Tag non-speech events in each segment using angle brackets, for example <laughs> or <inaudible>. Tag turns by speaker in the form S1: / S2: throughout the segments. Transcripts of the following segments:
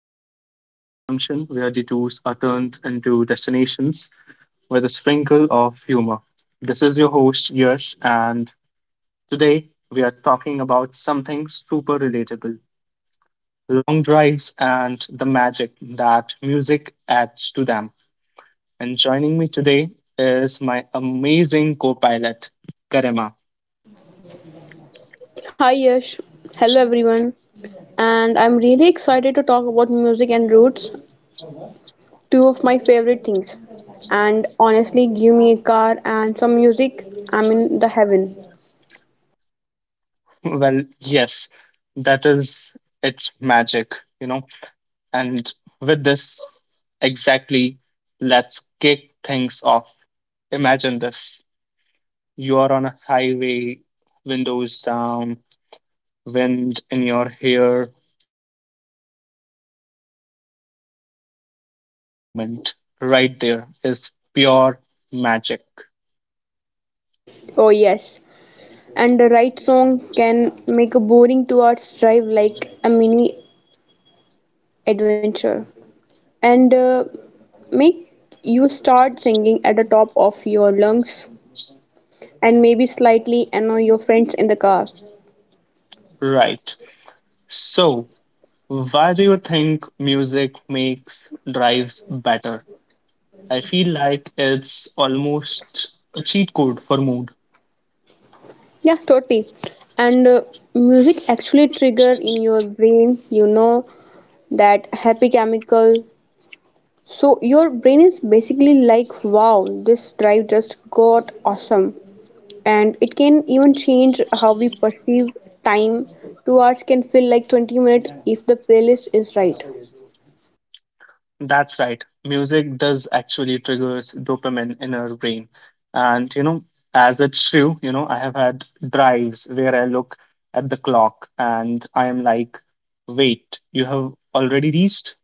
S1: episode of Fierce Junction, where detours are turned into destinations with a sprinkle of humor. This is your host, Yash, and today we are talking about something super relatable: long drives and the magic that music adds to them. And joining me today is my amazing co pilot, Karima. <laughs>
S2: Hi Yash, hello everyone, and I'm really excited to talk about music and roots, two of my favorite things. And honestly, give me a car and some music, I'm in the heaven.
S1: Well, yes, that is its magic, you know and with this, exactly, let's kick things off. Imagine this: you are on a highway, windows down, wind in your hair, and a song that just clicks. That moment right there is pure magic.
S2: Oh yes, and the right song can make a boring 2 hours drive like a mini adventure, and make you start singing at the top of your lungs, and maybe slightly annoy your friends in the car.
S1: Right. So, why do you think music makes drives better? I feel like it's almost a cheat code for mood.
S2: Yeah, totally. And music actually trigger in your brain, you know, that happy chemical. So your brain is basically like, wow, this drive just got awesome. And it can even change how we perceive time. 2 hours can feel like 20 minutes if the playlist is right.
S1: That's right. Music does actually triggers dopamine in our brain. And you know, as it's true, you know, I have had drives where I look at the clock and I am like, wait, you have already reached?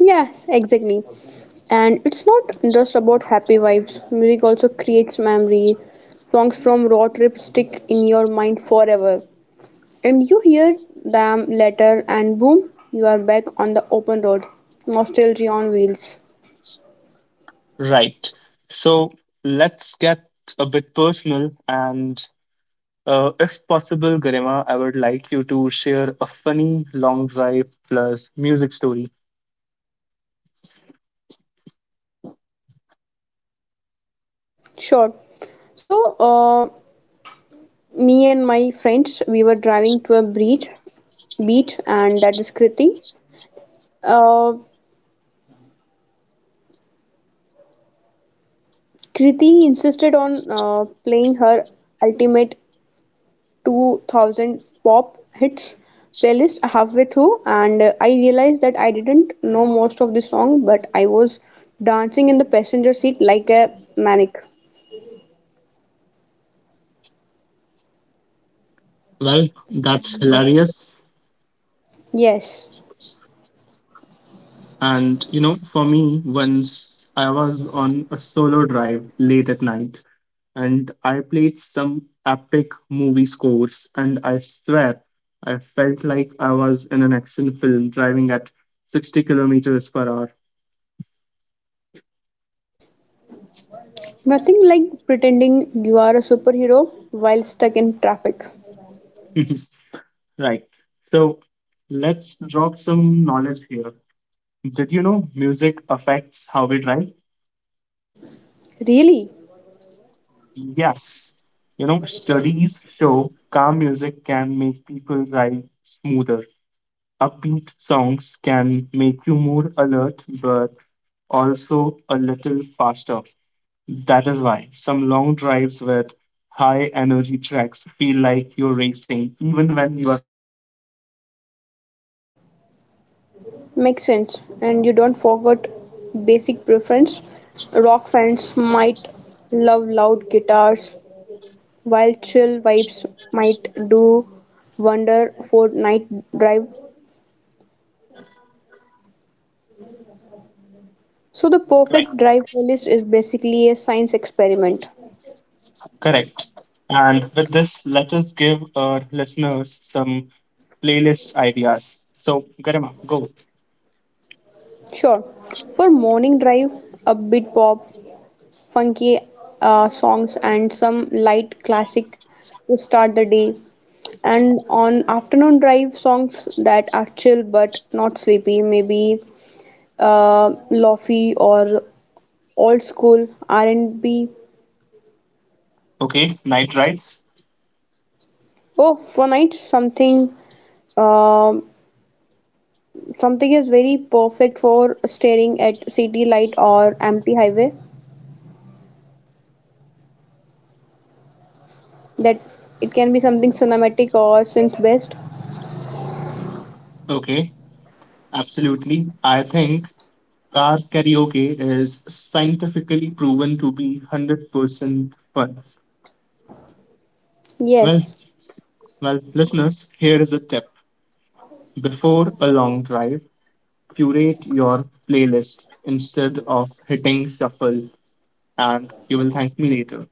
S2: Yes, exactly. And it's not just about happy vibes. Music also creates memory. Songs from road trip stick in your mind forever. And you hear them later, and boom, you are back on the open road. Nostalgia on wheels.
S1: Right. So let's get a bit personal and if possible, Garima, I would like you to share a funny long drive plus music story.
S2: Sure. So, uh, me and my friends, we were driving to a beach, and that is Kriti. Uh, Kriti insisted on playing her ultimate 2000 pop hits playlist halfway through, and I realized that I didn't know most of the song, but I was dancing in the passenger seat like a maniac.
S1: Well, that's
S2: And
S1: hilarious.
S2: yes,
S1: And you know, for me, once I was on a solo drive late at night and I played some epic movie scores, and I swear I felt like I was in an action film driving at 60 kilometers per hour.
S2: nothing like pretending you are a superhero while stuck in traffic.
S1: <laughs> Right. So let's drop some knowledge here. Did you know music affects how we drive?
S2: Really
S1: Yes. You know, studies show calm music can make people drive smoother. Upbeat songs can make you more alert but also a little faster. That is why some long drives with high energy tracks feel like you're racing even when you are not.
S2: makes sense. And you don't forget basic preference. Rock fans might love loud guitars, while chill vibes might do wonder for night drive. So the
S1: Right.
S2: perfect drive playlist is basically a science experiment.
S1: Correct. And with this, let us give our listeners some playlist ideas. So, Garima, go.
S2: Sure, for morning drive, upbeat pop funky songs and some light classic to start the day. And on afternoon drive, songs that are chill but not sleepy, maybe lofi or old school R&B.
S1: Okay, night rides.
S2: Oh, for nights, uh something is very perfect for staring at city light or empty highway. That it can be something cinematic or synth based.
S1: Okay, absolutely. I think car karaoke is scientifically proven to be 100% fun. Well,
S2: Yes.
S1: well, listeners, here is a tip. Before a long drive, curate your playlist instead of hitting shuffle, and you will thank me later.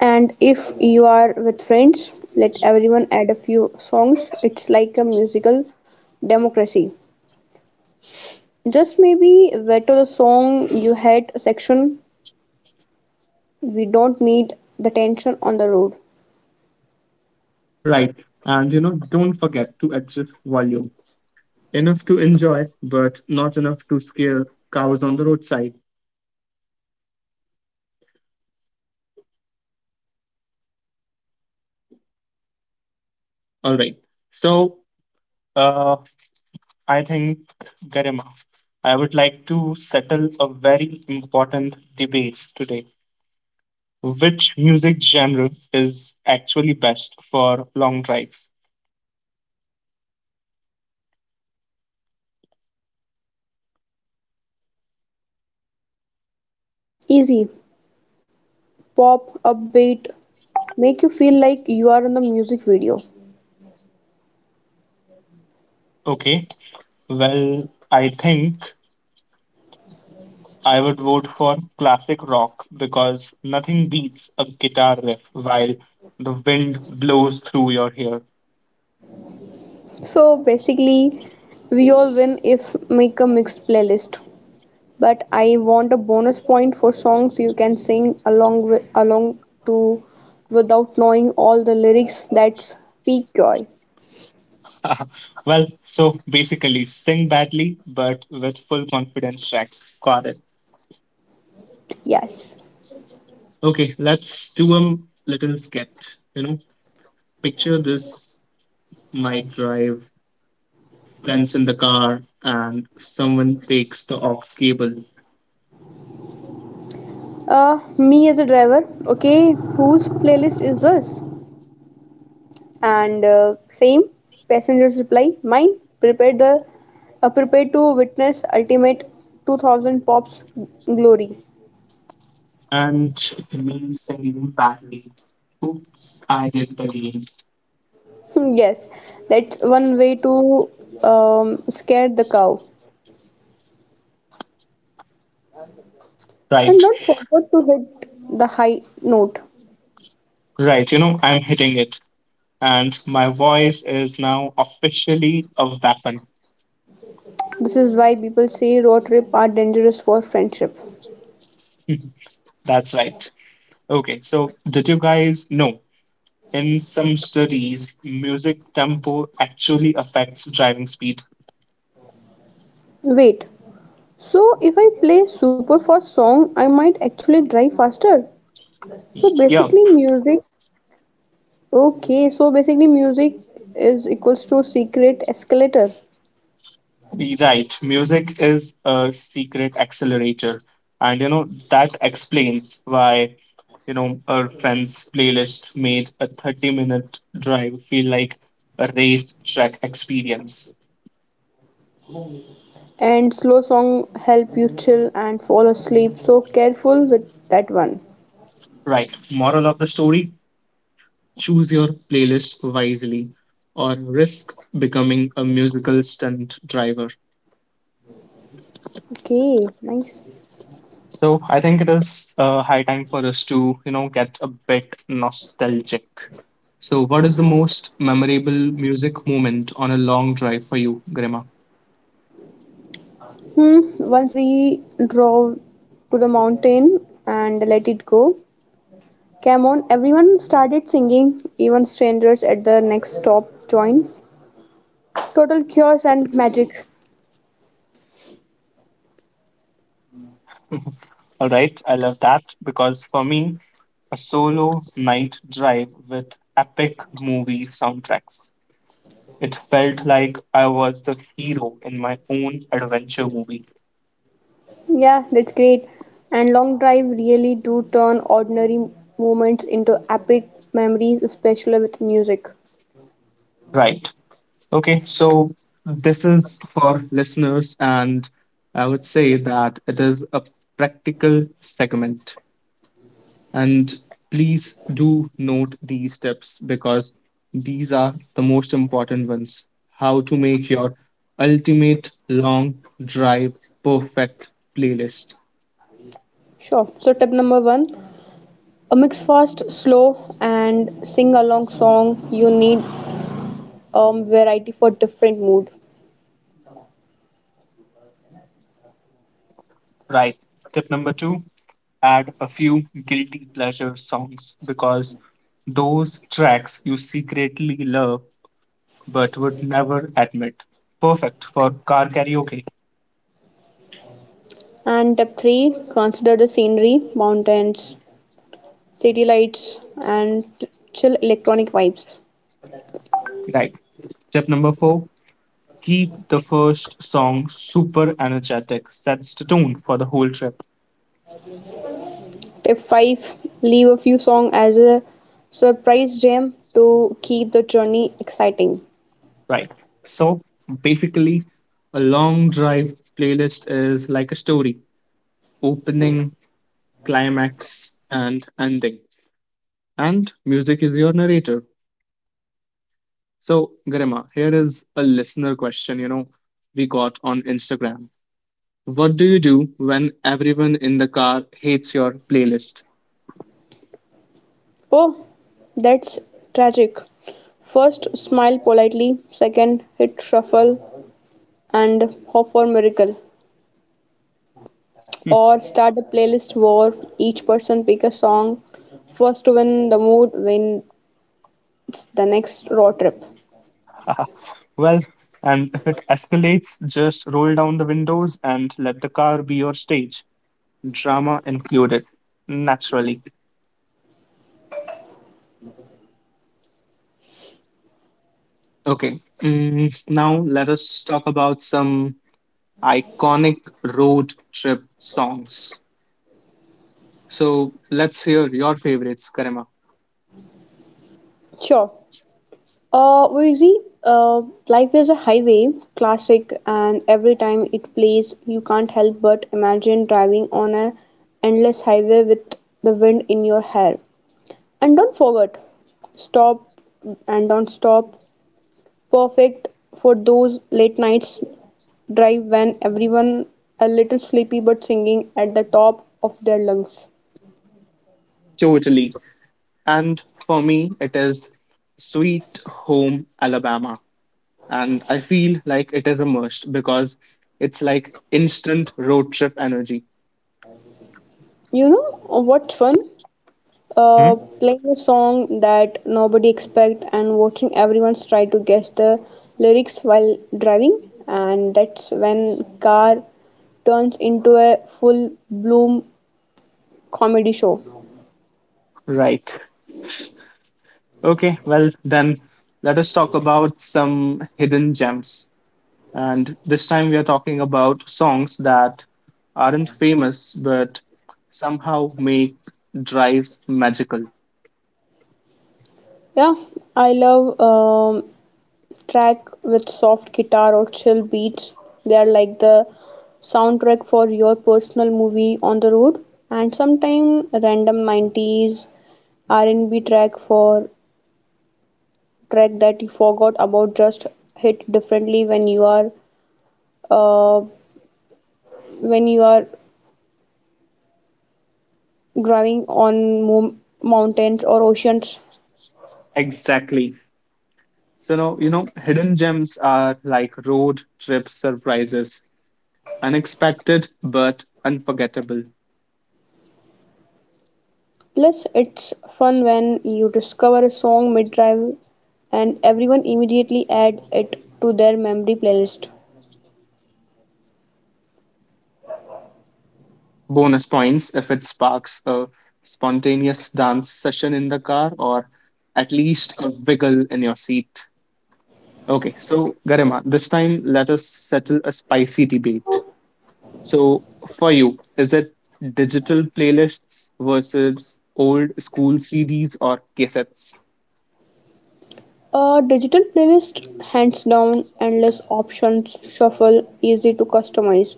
S2: And if you are with friends, let everyone add a few songs. It's like a musical democracy. Just maybe veto the song you hate section. We don't need the tension on the road.
S1: <laughs> Right. And you know, don't forget to adjust volume. Enough to enjoy, but not enough to scare cows on the roadside. All right. So, uh, I think, Garima, I would like to settle a very important debate today. Which music genre is actually best for long drives?
S2: Easy, pop, upbeat, make you feel like you are in the music video.
S1: Okay, well, I think I would vote for classic rock because nothing beats a guitar riff while the wind blows through your hair.
S2: So basically, we all win if make a mixed playlist. But I want a bonus point for songs you can sing along to without knowing all the lyrics. That's peak joy.
S1: <laughs> Well, so basically, sing badly but with full confidence track. Got it.
S2: Yes.
S1: Okay, let's do a little sketch. You know, picture this: night drive, friends in the car, and someone takes the aux cable,
S2: Me as a driver. Okay, whose playlist is this? And same passengers reply. Mine. Prepare to witness ultimate 2000 pops glory.
S1: and me singing badly. Oops, I did it again.
S2: <laughs> Yes, that's one way to scare the cow. And
S1: Right,
S2: don't forget to hit the high note.
S1: right. You know, I'm hitting it, and my voice is now officially a weapon.
S2: This is why people say road trip are dangerous for friendship.
S1: <laughs> That's right. Okay, so did you guys know? In some studies, music tempo actually affects driving speed.
S2: Wait, so if I play super fast song, I might actually drive faster. So
S1: Yep,
S2: basically music okay, so basically music is equals to secret escalator.
S1: right. Music is a secret accelerator. And you know, that explains why, you know, our friend's playlist made a 30-minute drive feel like a race track experience.
S2: And slow song help you chill and fall asleep. So careful with that one.
S1: Right. Moral of the story, choose your playlist wisely or risk becoming a musical stunt driver.
S2: Okay, nice.
S1: So I think it is high time for us to, you know, get a bit nostalgic. So what is the most memorable music moment on a long drive for you, Grima?
S2: Hmm, once we drove to the mountain and let it go. Come on, everyone started singing, even strangers at the next stop joined. Total chaos and magic.
S1: <laughs> All right, I love that because for me, a solo night drive with epic movie soundtracks. It felt like I was the hero in my own adventure movie.
S2: Yeah, that's great. And long drive really do turn ordinary moments into epic memories, especially with music.
S1: Right. Okay, so this is for listeners, and I would say that it is a practical segment. And please do note these tips because these are the most important ones. How to make your ultimate long drive perfect playlist.
S2: Sure. So tip number one, a mix fast, slow, and sing along song. You need variety for different mood.
S1: Right. Tip number two, add a few guilty pleasure songs because those tracks you secretly love but would never admit. Perfect for car karaoke.
S2: And tip three, consider the scenery, mountains, city lights, and chill electronic vibes.
S1: Right. Step number four, keep the first song super energetic, sets the tone for the whole trip.
S2: Tip 5: leave a few songs as a surprise jam to keep the journey exciting.
S1: Right. So basically, a long drive playlist is like a story: opening, climax, and ending. And music is your narrator. So, Garima, here is a listener question, you know, we got on Instagram. What do you do when everyone in the car hates your playlist?
S2: Oh, that's tragic. First, smile politely. Second, hit shuffle and hope for miracle. Or start a playlist war. Each person pick a song. First to win the mood wins the next road trip.
S1: <laughs> Well, and if it escalates, just roll down the windows and let the car be your stage, drama included, naturally. Okay, mm, now let us talk about some iconic road trip songs. So let's hear your favorites, Karima.
S2: Sure. Wheezy, uh, Life is a Highway classic, and every time it plays, you can't help but imagine driving on a endless highway with the wind in your hair. And don't forget, stop and don't stop. Perfect for those late nights drive when everyone a little sleepy but singing at the top of their lungs.
S1: Totally. And for me, it is Sweet Home Alabama, and I feel like it is a must because it's like instant road trip energy.
S2: You know what's fun?
S1: Hmm?
S2: Playing a song that nobody expect and watching everyone try to guess the lyrics while driving, and that's when car turns into a full bloom comedy show.
S1: Right. Okay, well, then let us talk about some hidden gems. And this time we are talking about songs that aren't famous but somehow make drives magical.
S2: Yeah, I love track with soft guitar or chill beats. They are like the soundtrack for your personal movie on the road. And sometime random 90s r&b track for track that you forgot about just hit differently when you are uh, when you are driving on mountains or oceans.
S1: Exactly. So, now, you know, hidden gems are like road trip surprises, unexpected but unforgettable.
S2: Plus it's fun when you discover a song mid drive and everyone immediately add it to their memory playlist.
S1: Bonus points if it sparks a spontaneous dance session in the car or at least a wiggle in your seat. Okay, so Garima, this time let us settle a spicy debate. So, for you, is it digital playlists versus old school CDs or cassettes?
S2: A digital playlist hands down endless options shuffle easy to customize.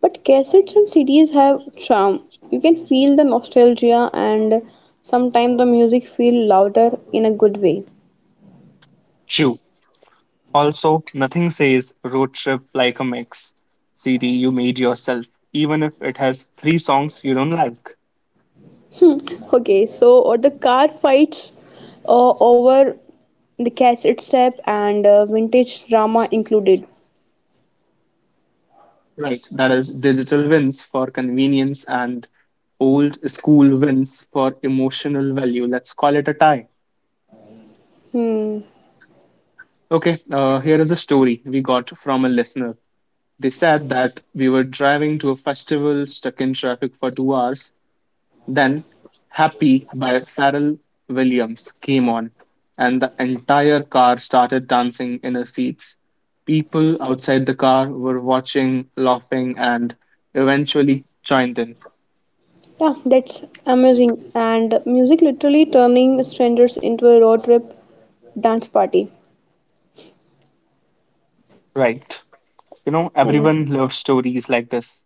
S2: But cassettes and CDs have charm. You can feel the nostalgia and sometimes the music feel louder in a good way.
S1: Chew. Also, nothing says road trip like a mix CD you made yourself, even if it has three songs you don't like.
S2: Hmm. Okay, so or the car fights over the cassette tape and vintage drama included.
S1: Right, that is digital wins for convenience and old school wins for emotional value. Let's call it a tie.
S2: Hmm.
S1: Okay, here is a story we got from a listener. They said that we were driving to a festival, stuck in traffic for 2 hours. Then, Happy by Pharrell Williams came on, and the entire car started dancing in our seats. People outside the car were watching, laughing, and eventually joined in.
S2: Yeah, that's amazing. And music literally turning strangers into a road trip dance party.
S1: Right. You know,
S2: And
S1: everyone loves stories like this.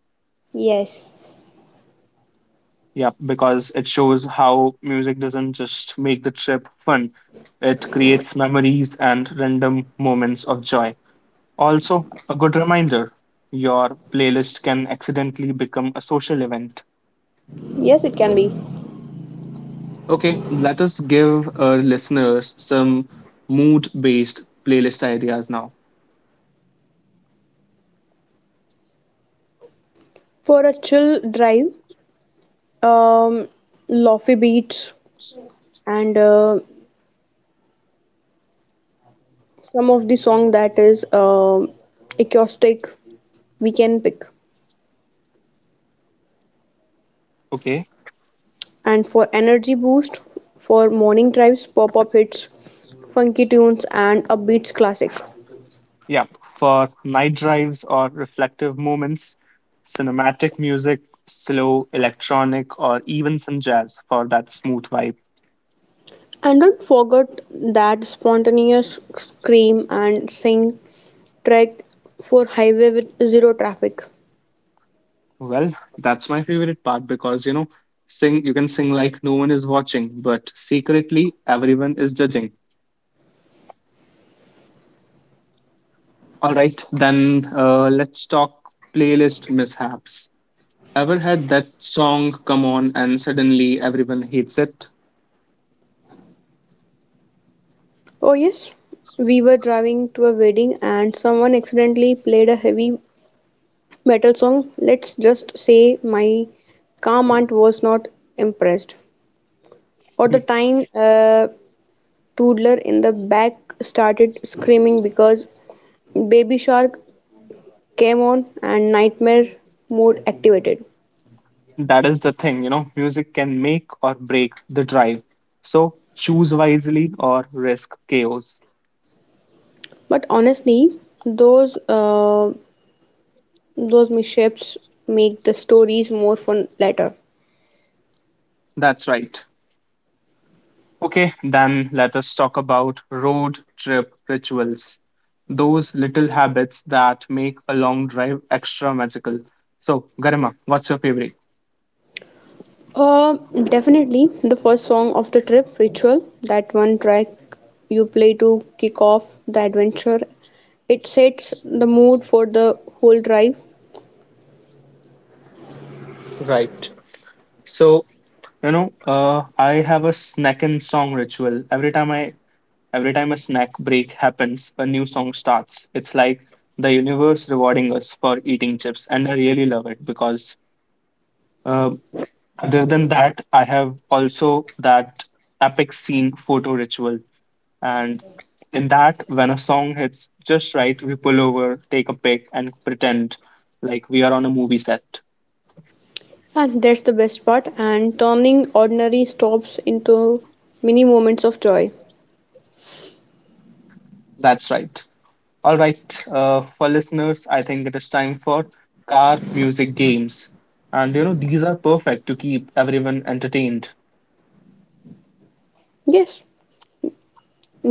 S2: yes,
S1: Yeah, because it shows how music doesn't just make the trip fun, it creates memories and random moments of joy. Also, a good reminder: your playlist can accidentally become a social event.
S2: yes, it can be.
S1: Okay, let us give our listeners some mood based playlist ideas now.
S2: For a chill drive, um, lofi beats and some of the song that is acoustic we can pick.
S1: Okay,
S2: And for energy boost for morning drives pop-up hits funky tunes and upbeats classic.
S1: yep, for night drives or reflective moments, cinematic music, slow, electronic, or even some jazz for that smooth vibe.
S2: And don't forget that spontaneous scream and sing track for highway with zero traffic.
S1: Well, that's my favorite part because you know, sing, you can sing like no one is watching, but secretly everyone is judging. All right, then let's talk playlist mishaps. Ever had that song come on and suddenly everyone hates it?
S2: Oh yes, we were driving to a wedding and someone accidentally played a heavy metal song. Let's just say my calm aunt was not impressed. For the time, a toddler in the back started screaming because Baby Shark came on and Nightmare mode activated.
S1: That is the thing, you know, music can make or break the drive. So choose wisely or risk chaos.
S2: But honestly, those uh, those mishaps make the stories more fun later.
S1: That's right. Okay, then let us talk about road trip rituals. Those little habits that make a long drive extra magical. So, Garima, what's your favorite?
S2: Uh, Definitely the first song of the trip, Ritual, that one track you play to kick off the adventure. It sets the mood for the whole drive,
S1: Right. So, you know, I have a snack and song ritual. Every time a snack break happens, a new song starts. It's like the universe rewarding us for eating chips, and I really love it because uh, other than that, I have also that epic scene photo ritual, and in that, when a song hits just right, we pull over, take a pic, and pretend like we are on a movie set.
S2: and that's the best part. And turning ordinary stops into mini moments of joy.
S1: That's right. All right, for listeners, I think it is time for car music games. And you know, these are perfect to keep everyone entertained,
S2: Yes,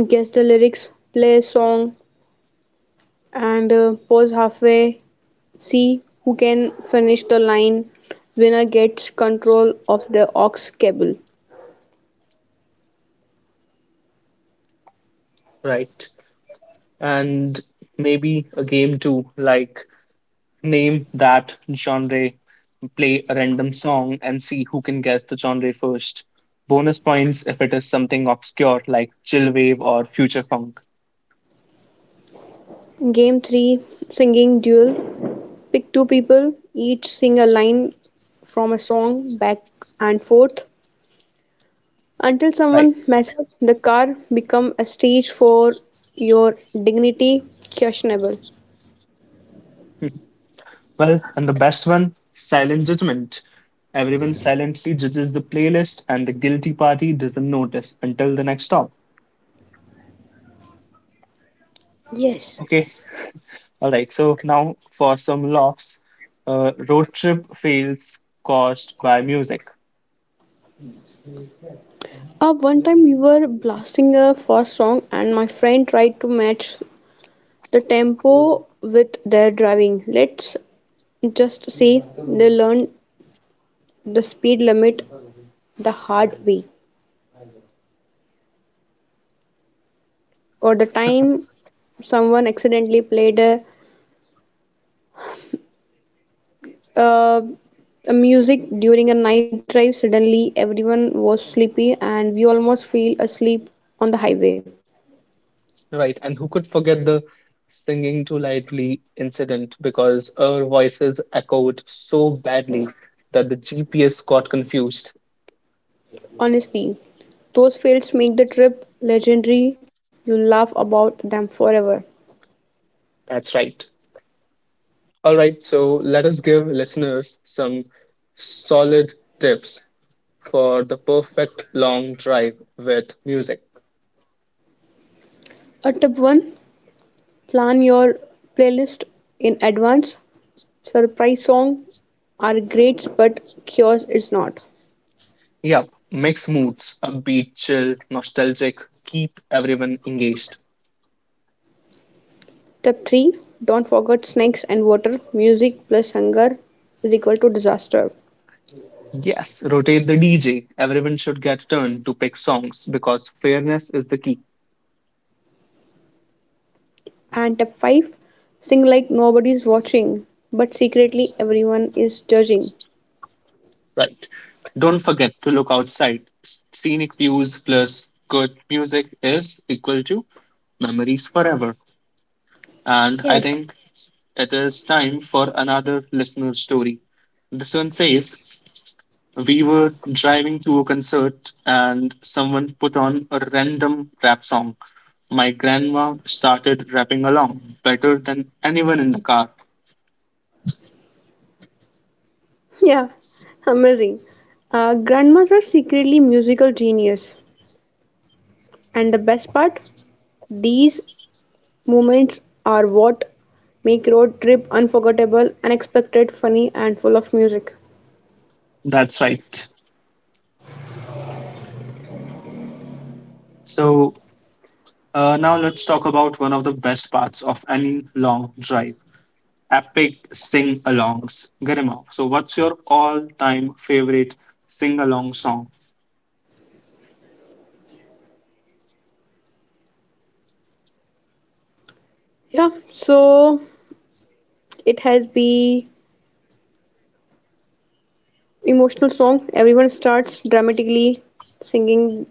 S2: guess the lyrics, play a song, and pause halfway. See who can finish the line. Winner gets control of the aux cable.
S1: right? And maybe a game too, like name that genre, play a random song, and see who can guess the genre first. Bonus points if it is something obscure like chill wave or future funk,
S2: Game 3: Singing Duel. Pick two people, each sing a line from a song back and forth until someone
S1: right?
S2: messes up. The car become a stage for your dignity questionable.
S1: <laughs> Well, and the best one, silent judgment. Everyone silently judges the playlist, and the guilty party doesn't notice until the next stop.
S2: Yes.
S1: Okay, all right. So now for some laughs. Road trip fails caused by music.
S2: One time we were blasting a fast song and my friend tried to match the tempo with their driving. Let's just say they learned the speed limit the hard way. Or the time someone accidentally played a uh, music during a night drive, suddenly everyone was sleepy and we almost fell asleep on the highway.
S1: Right, and who could forget the singing too lightly incident because our voices echoed so badly that the GPS got confused.
S2: Honestly, those fails make the trip legendary. You laugh about them forever.
S1: That's right. All right, so let us give listeners some solid tips for the perfect long drive with music.
S2: A tip 1: plan your playlist in advance. Surprise songs are great, but cures is not.
S1: Yep, mix moods, upbeat, chill, nostalgic, keep everyone engaged.
S2: Tip 3: don't forget snacks and water. Music plus hunger is equal to disaster.
S1: Yes, rotate the DJ. Everyone should get a turn to pick songs because fairness is the key.
S2: And Tap 5: sing like nobody's watching, but secretly everyone is judging.
S1: Right. Don't forget to look outside. S- scenic views plus good music is equal to memories forever. And I
S2: Yes.
S1: think it is time for another listener story. This one says: we were driving to a concert and someone put on a random rap song. My grandma started rapping along better than anyone in the car.
S2: <laughs> Yeah, amazing. Grandmas are secretly musical genius. And the best part, these moments are what make road trip unforgettable, unexpected, funny, and full of music.
S1: That's right. So, now let's talk about one of the best parts of any long drive: epic sing alongs. Garima, so what's your all time favorite sing along song?
S2: Yeah, so it has been emotional song. Everyone starts dramatically singing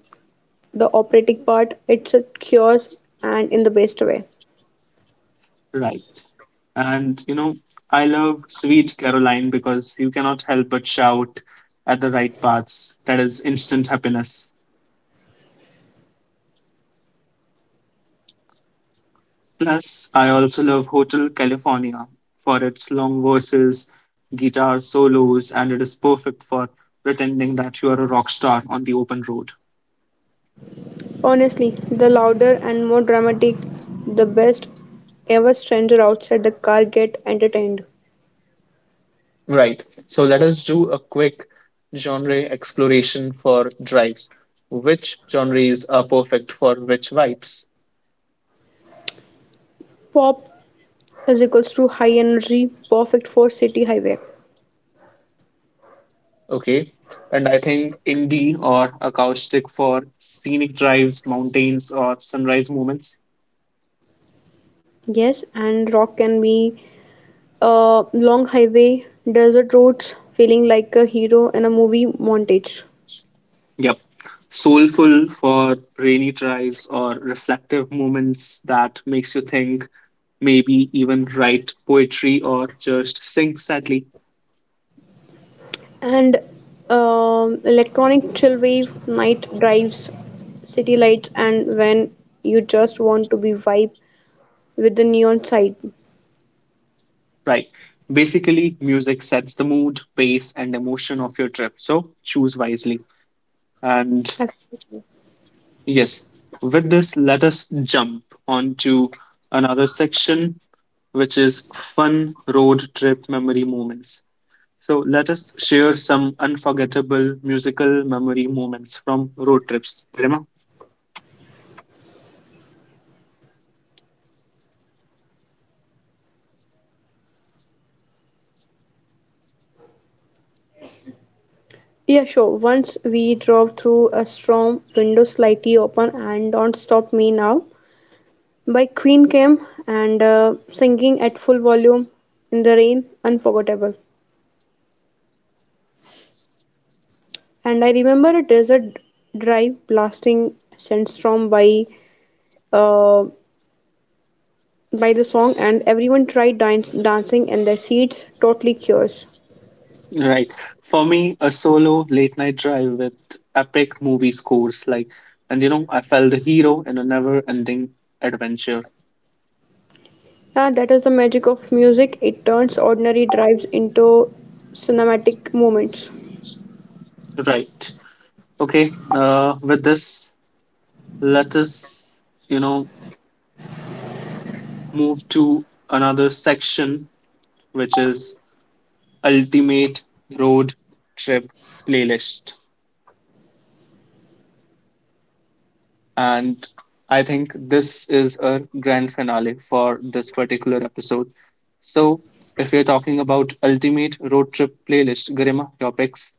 S2: the operatic part, it's a cures and in the best way.
S1: Right. And you know, I love Sweet Caroline because you cannot help but shout at the right parts. That is instant happiness. Plus, I also love Hotel California for its long verses, guitar solos, and it is perfect for pretending that you are a rock star on the open road.
S2: Honestly, the louder and more dramatic, the best ever stranger outside the car get entertained.
S1: Right. So let us do a quick genre exploration for drives. Which genres are perfect for which vibes?
S2: Pop is equals to high energy, perfect for city highway.
S1: Okay. And I think indie or acoustic for scenic drives, mountains, or sunrise moments.
S2: Yes, and rock can be a long highway, desert roads, feeling like a hero in a movie montage.
S1: Yep. Soulful for rainy drives or reflective moments that makes you think, maybe even write poetry or just sing sadly.
S2: And electronic chillwave night drives city lights and when you just want to be vibe with the neon side.
S1: Right. Basically, music sets the mood, pace, and emotion of your trip. So choose wisely. And
S2: Absolutely.
S1: yes, with this, let us jump onto another section which is fun road trip memory moments. So let us share some unforgettable musical memory moments from road trips. Garima?
S2: Yeah, sure, once we drove through a storm, windows slightly open, and Don't Stop Me Now by Queen came and singing at full volume in the rain unforgettable. And I remember a desert drive blasting Sandstorm uh, by the song, and everyone tried dancing and their seats totally cures.
S1: Right. For me, a solo late night drive with epic movie scores, like, and you know, I felt the hero in a never ending adventure.
S2: Yeah, that is the magic of music. It turns ordinary drives into cinematic moments.
S1: Right. Okay. With this, let us, you know, move to another section, which is ultimate road trip playlist. And I think this is a grand finale for this particular episode. So, if you're talking about ultimate road trip playlist, Garima, your picks,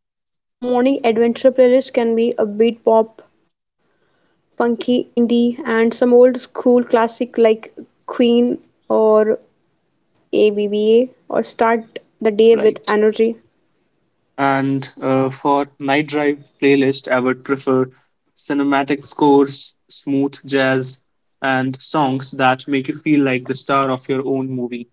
S2: Yeah, sure, morning adventure playlist can be a beat pop, funky, indie, and some old school classic like Queen or ABBA or start the day with
S1: right?
S2: energy.
S1: And for night drive playlist, I would prefer cinematic scores, smooth jazz, and songs that make you feel like the star of your own movie.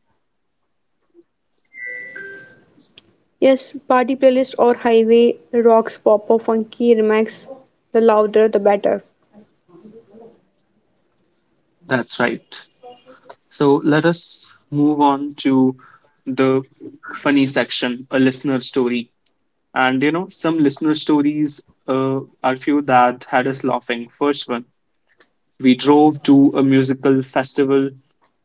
S2: Yes, party playlist or highway rocks pop or funky remix. The louder, the better.
S1: That's right. So let us move on to the funny section, a listener story. And you know, some listener stories are few that had us laughing. First one, we drove to a musical festival,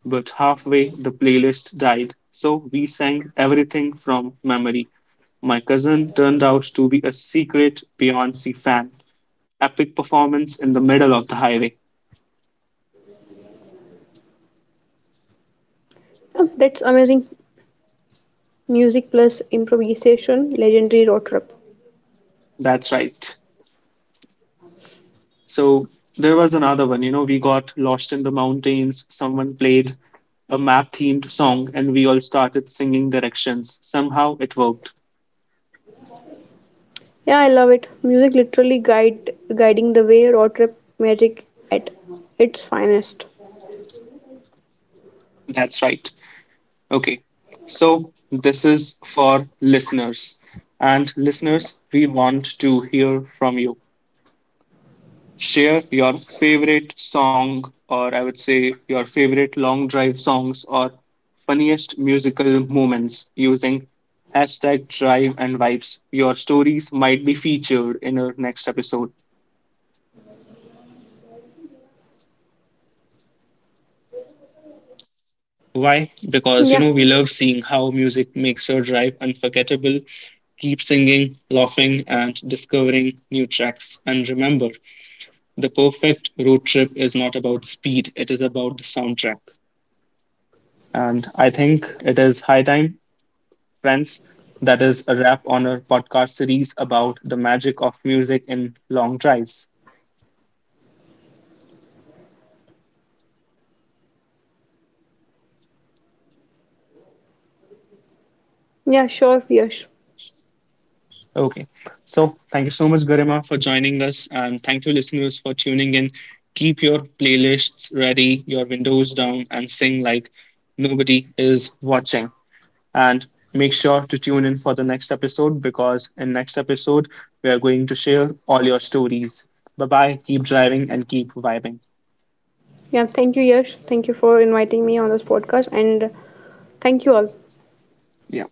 S1: but halfway the playlist died. So we sang everything from memory. My cousin turned out to be a secret Beyonce fan. Epic performance in the middle of the highway.
S2: Yeah, that's amazing. Music plus improvisation, legendary road trip.
S1: That's right. So there was another one, you know, we got lost in the mountains. Someone played a map themed song and we all started singing directions. Somehow it worked.
S2: Yeah, I love it. Music literally guide guiding the way road trip magic at its finest.
S1: That's right. Okay. So this is for listeners. And listeners, we want to hear from you. Share your favorite song, or I would say your favorite long drive songs, or funniest musical moments using hashtag drive and vibes. Your stories might be featured in our next episode. Why?
S2: Yeah,
S1: Because you know, we love seeing how music makes your drive unforgettable. Keep singing, laughing, and discovering new tracks. And remember, the perfect road trip is not about speed, it is about the soundtrack. And I think it is high time, friends. That is a wrap on our podcast series about the magic of music in long drives.
S2: yeah, sure, Yash.
S1: Okay, so thank you so much, Garima, for joining us, and thank you, listeners, for tuning in. Keep your playlists ready, your windows down, and sing like nobody is watching. And make sure to tune in for the next episode because in next episode we are going to share all your stories. Bye bye. Keep driving and keep vibing.
S2: Yeah, thank you, Yash. Thank you for inviting me on this podcast, and thank you all.
S1: Yeah.